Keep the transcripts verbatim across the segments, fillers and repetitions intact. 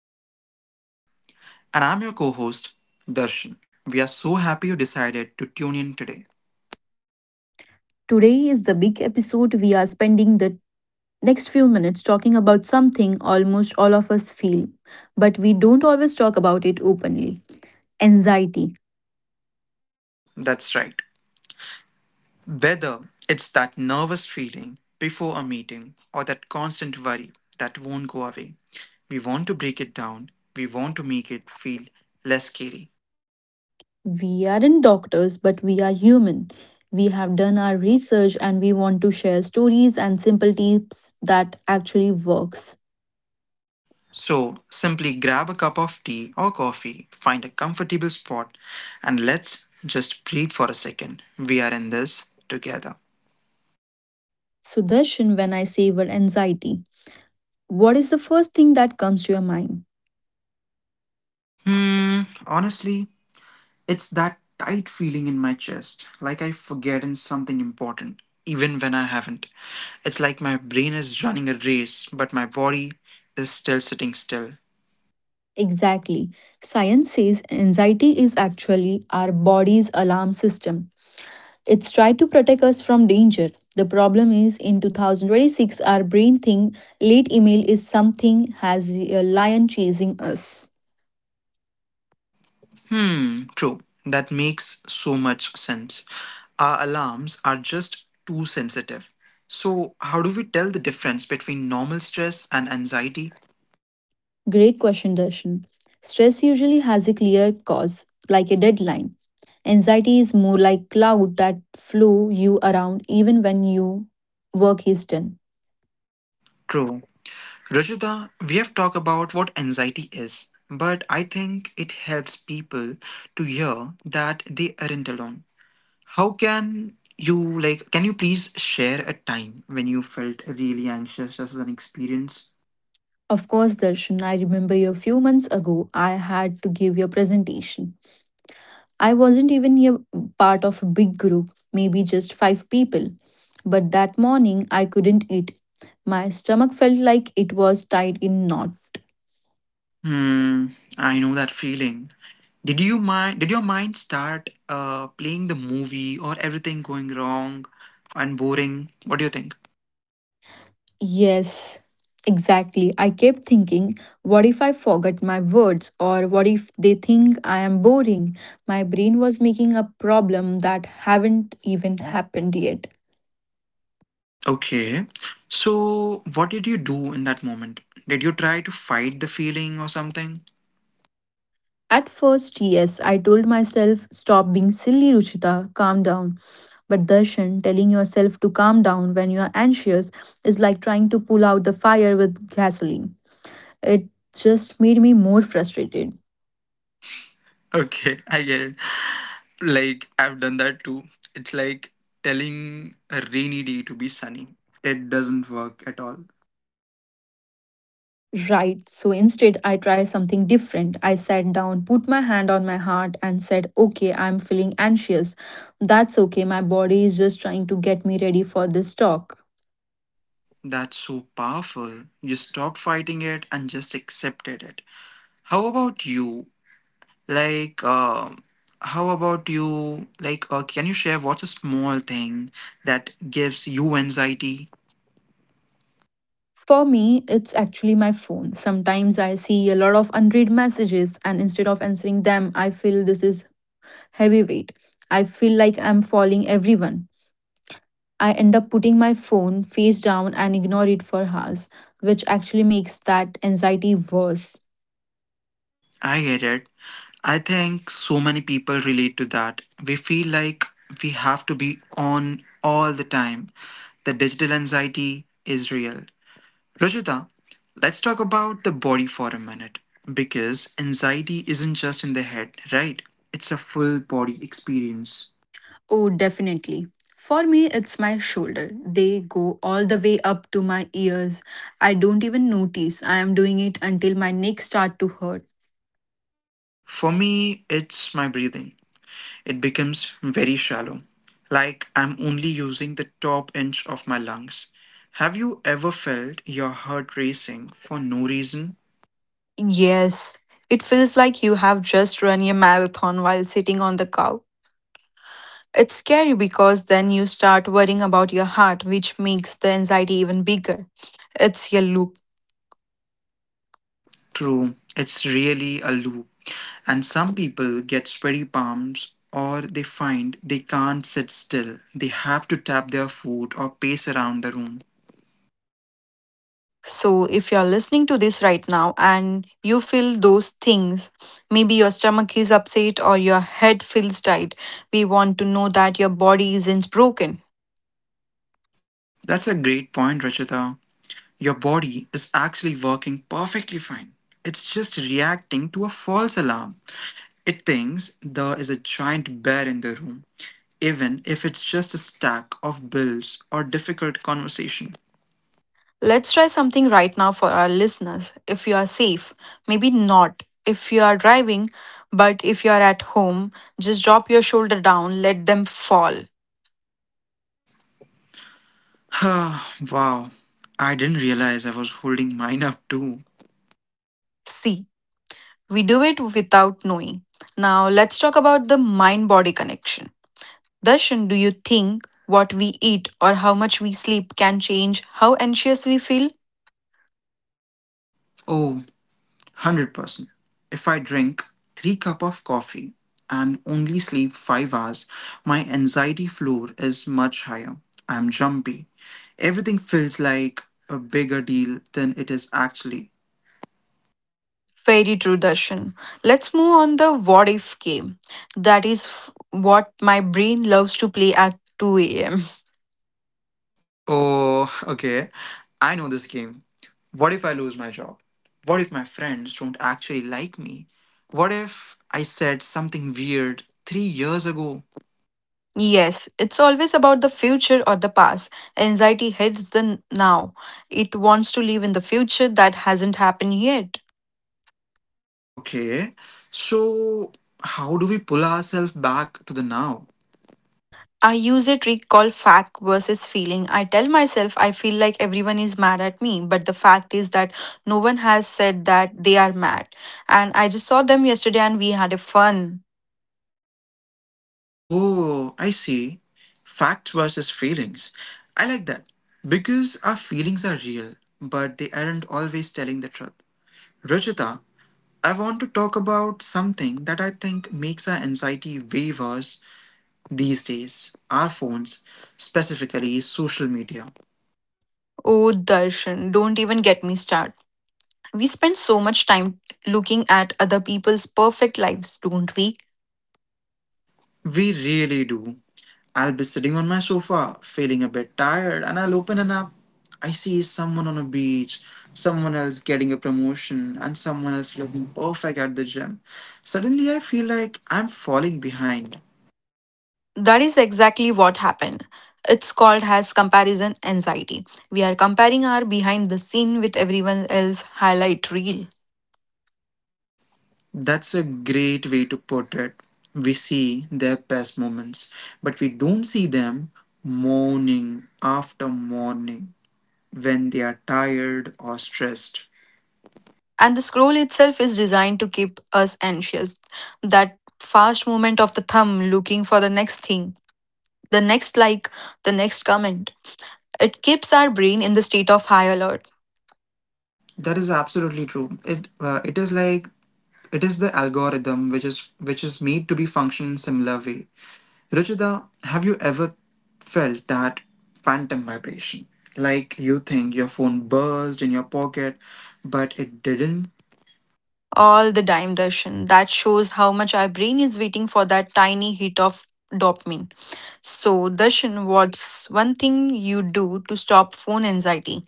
Ruchita. And I'm your co host, Darshan. We are so happy you decided to tune in today. Today is the big episode. We are spending the next few minutes talking about something almost all of us feel, but we don't always talk about it openly anxiety. That's right. Whether it's that nervous feeling before a meeting or that constant worry that won't go away, we want to break it down. We want to make it feel less scary. We aren't doctors, but we are human. We have done our research and we want to share stories and simple tips that actually works. So simply grab a cup of tea or coffee, find a comfortable spot, and let's just breathe for a second. We are in this together. Sudarshan, when I say word anxiety, what is the first thing that comes to your mind? Hmm, honestly, it's that tight feeling in my chest, like I've forgotten something important, even when I haven't. It's like my brain is running a race, but my body is still sitting still. Exactly. Science says anxiety is actually our body's alarm system. It's tried to protect us from danger. The problem is in two thousand twenty-six our brain think late email is something has a lion chasing us. Hmm, true. That makes so much sense. Our alarms are just too sensitive. So, how do we tell the difference between normal stress and anxiety? Great question Darshan. Stress usually has a clear cause like a deadline. Anxiety is more like cloud that flow you around even when your work is done. True. Rajita, we have talked about what anxiety is, but I think it helps people to hear that they aren't alone. How can you like can you please share a time when you felt really anxious just as an experience? Of course, Darshan, I remember you a few months ago. I had to give your presentation. I wasn't even a part of a big group, maybe just five people. But that morning, I couldn't eat. My stomach felt like it was tied in knot. Hmm, I know that feeling. Did you mind did your mind start uh playing the movie or everything going wrong and boring? What do you think? Yes, exactly. I kept thinking, what if I forget my words or what if they think I am boring? My brain was making a problem that haven't even happened yet. Okay. So what did you do in that moment? Did you try to fight the feeling or something? At first, yes, I told myself, stop being silly, Ruchita, calm down. But Darshan, telling yourself to calm down when you are anxious is like trying to pull out the fire with gasoline. It just made me more frustrated. Okay, I get it. Like, I've done that too. It's like telling a rainy day to be sunny. It doesn't work at all. Right, so instead, I try something different. I sat down, put my hand on my heart, and said, "Okay, I'm feeling anxious. That's okay, my body is just trying to get me ready for this talk." That's so powerful. You stop fighting it and just accepted it. How about you? Like, um, how about you? Like, uh, can you share what's a small thing that gives you anxiety? For me, it's actually my phone. Sometimes I see a lot of unread messages, and instead of answering them, I feel this is heavy weight. I feel like I'm following everyone. I end up putting my phone face down and ignore it for hours, which actually makes that anxiety worse. I get it. I think so many people relate to that. We feel like we have to be on all the time, the digital anxiety is real. Rajita, let's talk about the body for a minute because anxiety isn't just in the head, right? It's a full body experience. Oh, definitely. For me, it's my shoulder. They go all the way up to my ears. I don't even notice I am doing it until my neck start to hurt. For me, it's my breathing. It becomes very shallow, like I'm only using the top inch of my lungs. Have you ever felt your heart racing for no reason? Yes, it feels like you have just run a marathon while sitting on the couch. It's scary because then you start worrying about your heart, which makes the anxiety even bigger. It's a loop. True, it's really a loop. And some people get sweaty palms or they find they can't sit still. They have to tap their foot or pace around the room. So, if you're listening to this right now and you feel those things, maybe your stomach is upset or your head feels tight, we want to know that your body isn't broken. That's a great point, Rachita. Your body is actually working perfectly fine. It's just reacting to a false alarm. It thinks there is a giant bear in the room, even if it's just a stack of bills or difficult conversation. Let's try something right now for our listeners. If you are safe, maybe not. If you are driving, but if you are at home, just drop your shoulder down, let them fall. Wow, I didn't realize I was holding mine up too. See, we do it without knowing. Now, let's talk about the mind body connection. Darshan, do you think what we eat or how much we sleep can change how anxious we feel? Oh, one hundred percent. If I drink three cup of coffee and only sleep five hours, my anxiety floor is much higher. I'm jumpy. Everything feels like a bigger deal than it is actually. Very true, Darshan. Let's move on the what if game. That is f- what my brain loves to play at two a m. Oh, okay. I know this game. What if I lose my job? What if my friends don't actually like me? What if I said something weird three years ago? Yes, it's always about the future or the past. Anxiety hits the n- now. It wants to live in the future that hasn't happened yet. Okay. So, how do we pull ourselves back to the now? I use a trick called fact versus feeling. I tell myself I feel like everyone is mad at me, but the fact is that no one has said that they are mad. And I just saw them yesterday and we had a fun. Oh, I see. Facts versus feelings. I like that because our feelings are real, but they aren't always telling the truth. Ruchita, I want to talk about something that I think makes our anxiety way worse these days, our phones, specifically social media. Oh, Darshan, don't even get me started. We spend so much time looking at other people's perfect lives, don't we? We really do. I'll be sitting on my sofa, feeling a bit tired, and I'll open an app. I see someone on a beach, someone else getting a promotion, and someone else looking perfect at the gym. Suddenly, I feel like I'm falling behind. That is exactly what happened. It's called as comparison anxiety. We are comparing our behind the scene with everyone else highlight reel. That's a great way to put it. We see their best moments, but we don't see them morning after morning when they are tired or stressed. And the scroll itself is designed to keep us anxious. That fast movement of the thumb looking for the next thing, the next like, the next comment. It keeps our brain in the state of high alert. That is absolutely true. It uh, it is like It is the algorithm which is which is made to be function in a similar way. Ruchita, have you ever felt that phantom vibration? Like you think your phone buzzed in your pocket, but it didn't. All the time, Darshan. That shows how much our brain is waiting for that tiny hit of dopamine. So, Darshan, what's one thing you do to stop phone anxiety?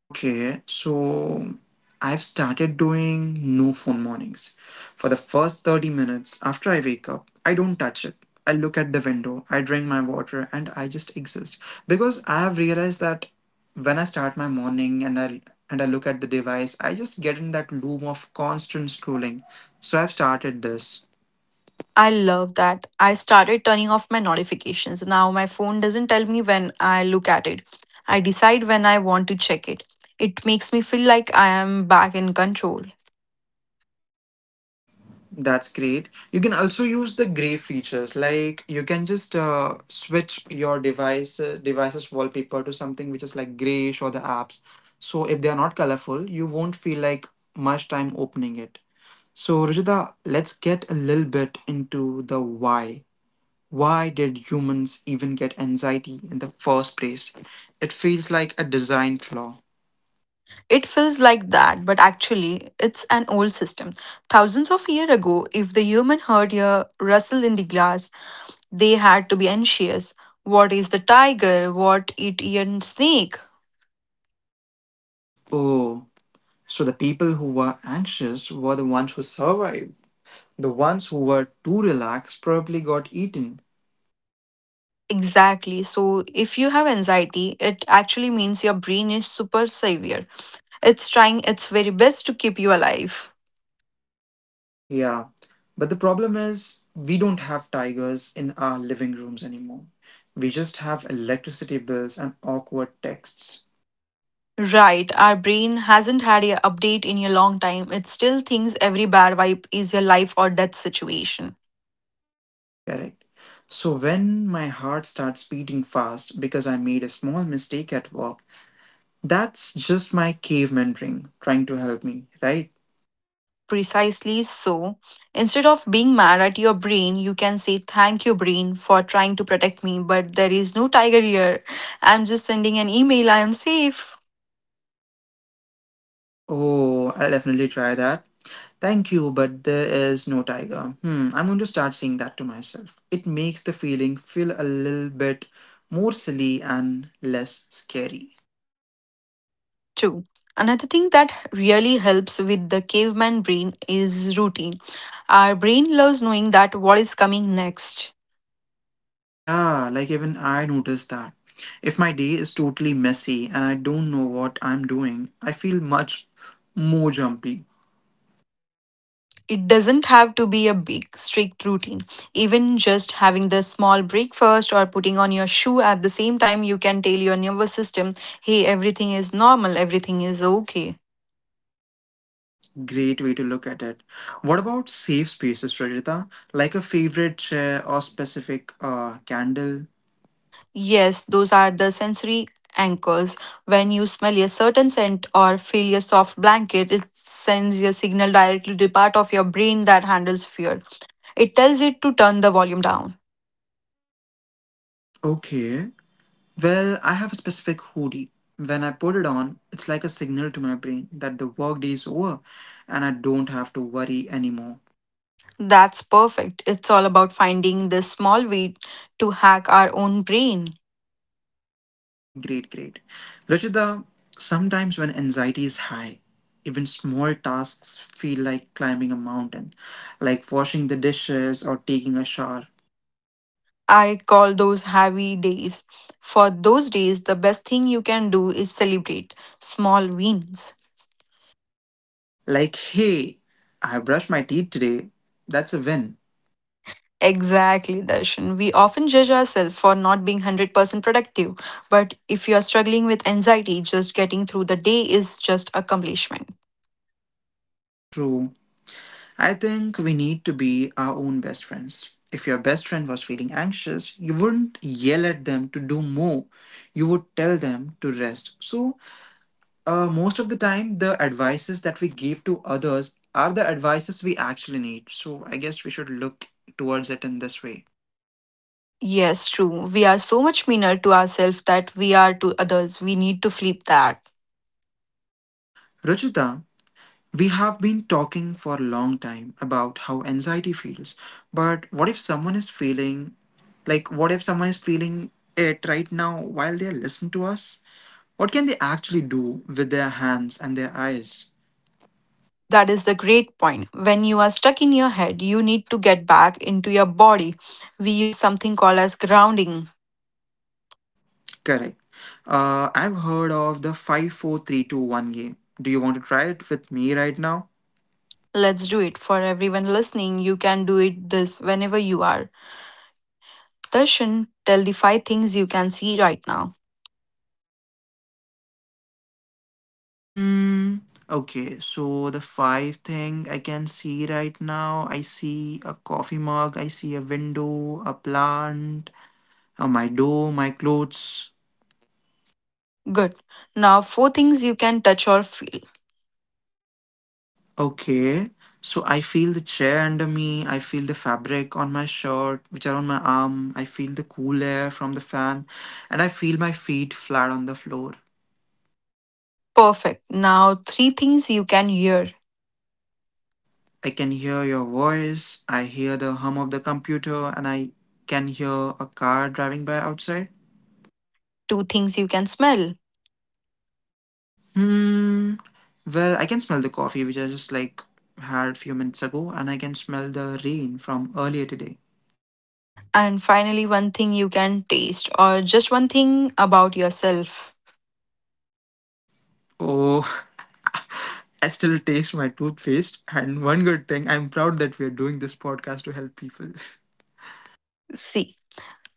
Okay, so I've started doing no phone mornings. For the first thirty minutes after I wake up, I don't touch it. I look at the window, I drink my water, and I just exist. Because I have realized that when I start my morning and I and I look at the device, I just get in that loop of constant scrolling. So I've started this. I love that. I started turning off my notifications. Now my phone doesn't tell me when I look at it. I decide when I want to check it. It makes me feel like I am back in control. That's great. You can also use the gray features, like you can just uh, switch your device uh, device's wallpaper to something which is like grayish or the apps. So if they are not colorful, you won't feel like much time opening it. So Rajita, let's get a little bit into the why. Why did humans even get anxiety in the first place? It feels like a design flaw. It feels like that, but actually, it's an old system. Thousands of years ago, if the human heard a rustle in the glass, they had to be anxious. What is the tiger? What eat a snake? Oh, so the people who were anxious were the ones who survived. The ones who were too relaxed probably got eaten. Exactly. So, if you have anxiety, it actually means your brain is super severe. It's trying its very best to keep you alive. Yeah. But the problem is, we don't have tigers in our living rooms anymore. We just have electricity bills and awkward texts. Right, our brain hasn't had a update in a long time. It still thinks every bad vibe is your life or death situation. Correct. So when my heart starts beating fast because I made a small mistake at work, that's just my caveman ring trying to help me, right? Precisely so. Instead of being mad at your brain, you can say, "Thank you, brain, for trying to protect me, but there is no tiger here. I'm just sending an email, I am safe." Oh, I'll definitely try that. Thank you, but there is no tiger. Hmm, I'm going to start saying that to myself. It makes the feeling feel a little bit more silly and less scary. two. Another thing that really helps with the caveman brain is routine. Our brain loves knowing that what is coming next. Yeah, like even I noticed that. If my day is totally messy and I don't know what I'm doing, I feel much more jumpy. It doesn't have to be a big, strict routine. Even just having the small breakfast or putting on your shoe at the same time, you can tell your nervous system, hey, everything is normal, everything is okay. Great way to look at it. What about safe spaces, Rajita? Like a favorite chair or specific uh, candle? Yes, those are the sensory anchors. When you smell a certain scent or feel a soft blanket, it sends a signal directly to the part of your brain that handles fear. It tells it to turn the volume down. Okay, well, I have a specific hoodie. When I put it on, it's like a signal to my brain that the workday is over and I don't have to worry anymore. That's perfect. It's all about finding this small way to hack our own brain. Great, great. Rachita, sometimes when anxiety is high, even small tasks feel like climbing a mountain, like washing the dishes or taking a shower. I call those heavy days. For those days, the best thing you can do is celebrate small wins. Like, hey, I brushed my teeth today. That's a win. Exactly, Darshan. We often judge ourselves for not being one hundred percent productive, but if you are struggling with anxiety, just getting through the day is just accomplishment. True. I think we need to be our own best friends. If your best friend was feeling anxious, you wouldn't yell at them to do more. You would tell them to rest. So, uh, most of the time, the advices that we give to others are the advices we actually need. So, I guess we should look towards it in this way. Yes, true. We are so much meaner to ourselves that we are to others. We need to flip that. Ruchita, we have been talking for a long time about how anxiety feels, but what if someone is feeling like, what if someone is feeling it right now while they listen to us? What can they actually do with their hands and their eyes? That is the great point. When you are stuck in your head, you need to get back into your body. We use something called as grounding. Correct. Uh, I've heard of the five, four, three, two, one game. Do you want to try it with me right now? Let's do it. For everyone listening, you can do it this whenever you are. Darshan, tell the five things you can see right now. Hmm. Okay, so the five thing I can see right now, I see a coffee mug, I see a window, a plant, uh, my door, my clothes. Good. Now, four things you can touch or feel. Okay. So I feel the chair under me, I feel the fabric on my shirt, which are on my arm, I feel the cool air from the fan, and I feel my feet flat on the floor. Perfect. Now, three things you can hear, I can hear your voice, I hear the hum of the computer, and I can hear a car driving by outside. two things you can smell, Hmm. Well, I can smell the coffee, which I just like had a few minutes ago, and I can smell the rain from earlier today. and finally, one thing you can taste, or just one thing about yourself. Oh, I still taste my toothpaste. And one good thing, I'm proud that we are doing this podcast to help people. See.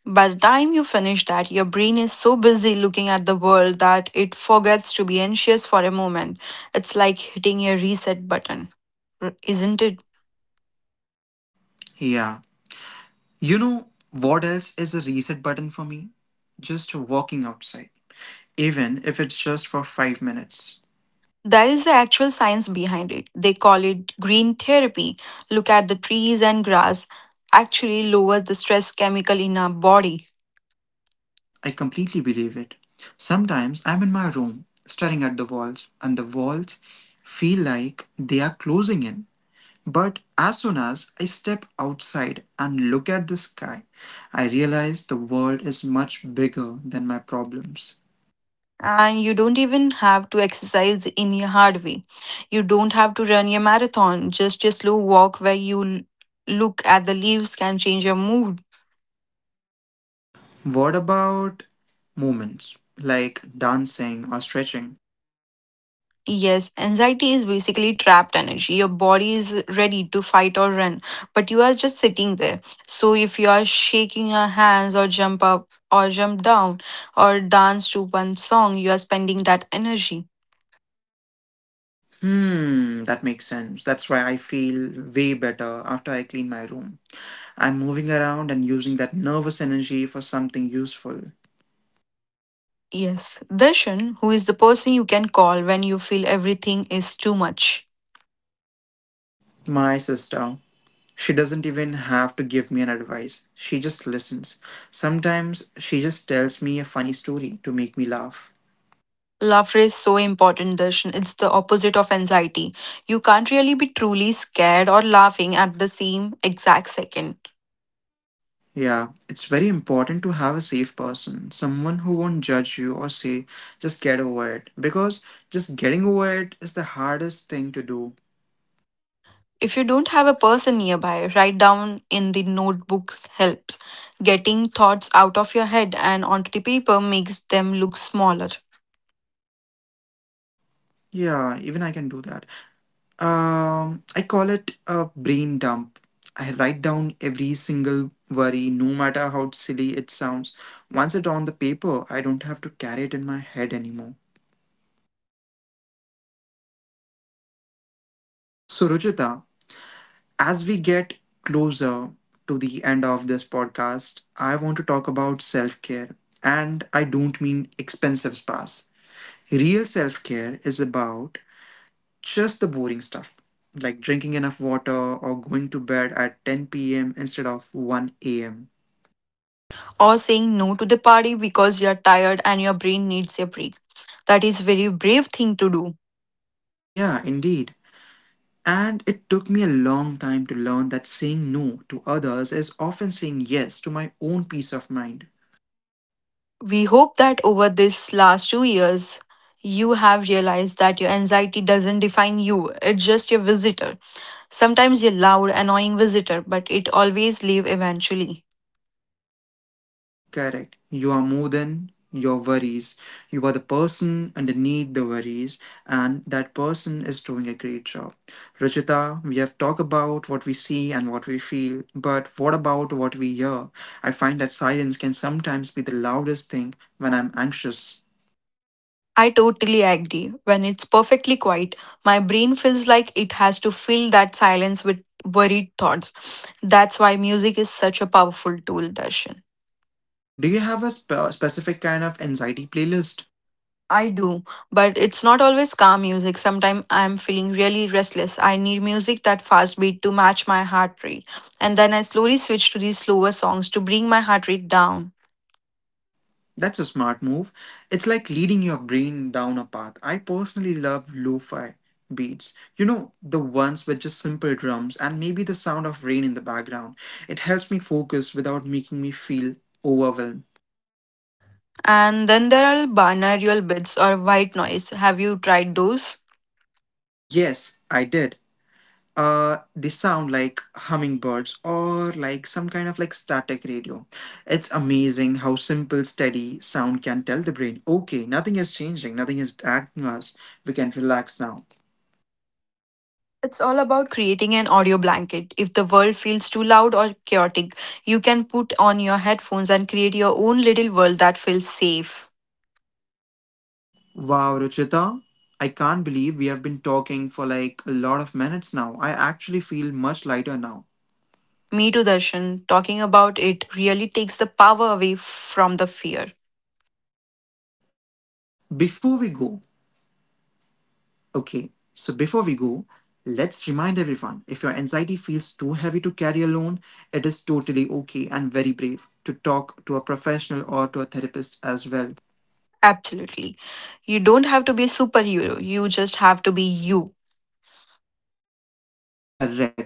By the time you finish that, your brain is so busy looking at the world that it forgets to be anxious for a moment. It's like hitting a reset button, r- isn't it? Yeah. You know what else is a reset button for me? Just walking outside. Even if it's just for five minutes. There is the actual science behind it. They call it green therapy. Look at the trees and grass, actually lowers the stress chemical in our body. I completely believe it. Sometimes I'm in my room, staring at the walls, and the walls feel like they are closing in. But as soon as I step outside and look at the sky, I realize the world is much bigger than my problems. And you don't even have to exercise in a hard way. You don't have to run a marathon, just a slow walk where you l- look at the leaves can change your mood. What about movements like dancing or stretching? Yes, anxiety is basically trapped energy. Your body is ready to fight or run, but you are just sitting there. So if you are shaking your hands or jump up or jump down or dance to one song, you are spending that energy. Hmm, that makes sense. That's why I feel way better after I clean my room. I'm moving around and using that nervous energy for something useful. Yes, Darshan, who is the person you can call when you feel everything is too much. My sister, she doesn't even have to give me an advice. She just listens. Sometimes she just tells me a funny story to make me laugh. Laughter is so important, Darshan. It's the opposite of anxiety. You can't really be truly scared or laughing at the same exact second. Yeah, it's very important to have a safe person, someone who won't judge you or say, just get over it. Because just getting over it is the hardest thing to do. If you don't have a person nearby, write down in the notebook helps. Getting thoughts out of your head and onto the paper makes them look smaller. Yeah, even I can do that. Um, I call it a brain dump. I write down every single worry, no matter how silly it sounds. Once it's on the paper, I don't have to carry it in my head anymore. So, Ruchita, as we get closer to the end of this podcast, I want to talk about self care. And I don't mean expensive spas. Real self care is about just the boring stuff, like drinking enough water or going to bed at ten p m instead of one a m. Or saying no to the party because you're tired and your brain needs a break. That is very brave thing to do. Yeah, indeed. And it took me a long time to learn that saying no to others is often saying yes to my own peace of mind. We hope that over this last two years you have realized that your anxiety doesn't define you. It's just your visitor. Sometimes a loud annoying visitor, but it always leaves eventually. Correct. You are more than your worries. You are the person underneath the worries, and that person is doing a great job. Rajita, we have talked about what we see and what we feel, but what about what we hear? I find that silence can sometimes be the loudest thing when I'm anxious. I totally agree. When it's perfectly quiet, my brain feels like it has to fill that silence with worried thoughts. That's why music is such a powerful tool, Darshan. Do you have a spe- specific kind of anxiety playlist? I do, but it's not always calm music. Sometimes I'm feeling really restless. I need music that fast beat to match my heart rate. And then I slowly switch to these slower songs to bring my heart rate down. That's a smart move. It's like leading your brain down a path. I personally love lo fi beats. You know, the ones with just simple drums and maybe the sound of rain in the background. It helps me focus without making me feel overwhelmed. And then there are binaural bits or white noise. Have you tried those? Yes, I did. Uh, they sound like hummingbirds or like some kind of like static radio. It's amazing how simple, steady sound can tell the brain, okay, nothing is changing, nothing is acting us. We can relax now. It's all about creating an audio blanket. If the world feels too loud or chaotic, you can put on your headphones and create your own little world that feels safe. Wow, Ruchita, I can't believe we have been talking for like a lot of minutes now. I actually feel much lighter now. Me too, Darshan. Talking about it really takes the power away from the fear. Before we go, okay, so before we go, let's remind everyone, if your anxiety feels too heavy to carry alone, it is totally okay and very brave to talk to a professional or to a therapist as well. Absolutely. You don't have to be a superhero, you just have to be you. Correct.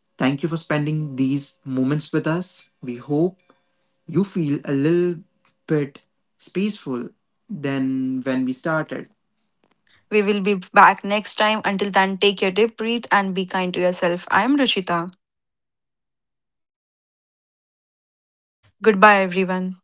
Thank you for spending these moments with us. We hope you feel a little bit peaceful than when we started. We will be back next time. Until then, take your deep breath and be kind to yourself. I am Ruchita. Goodbye, everyone.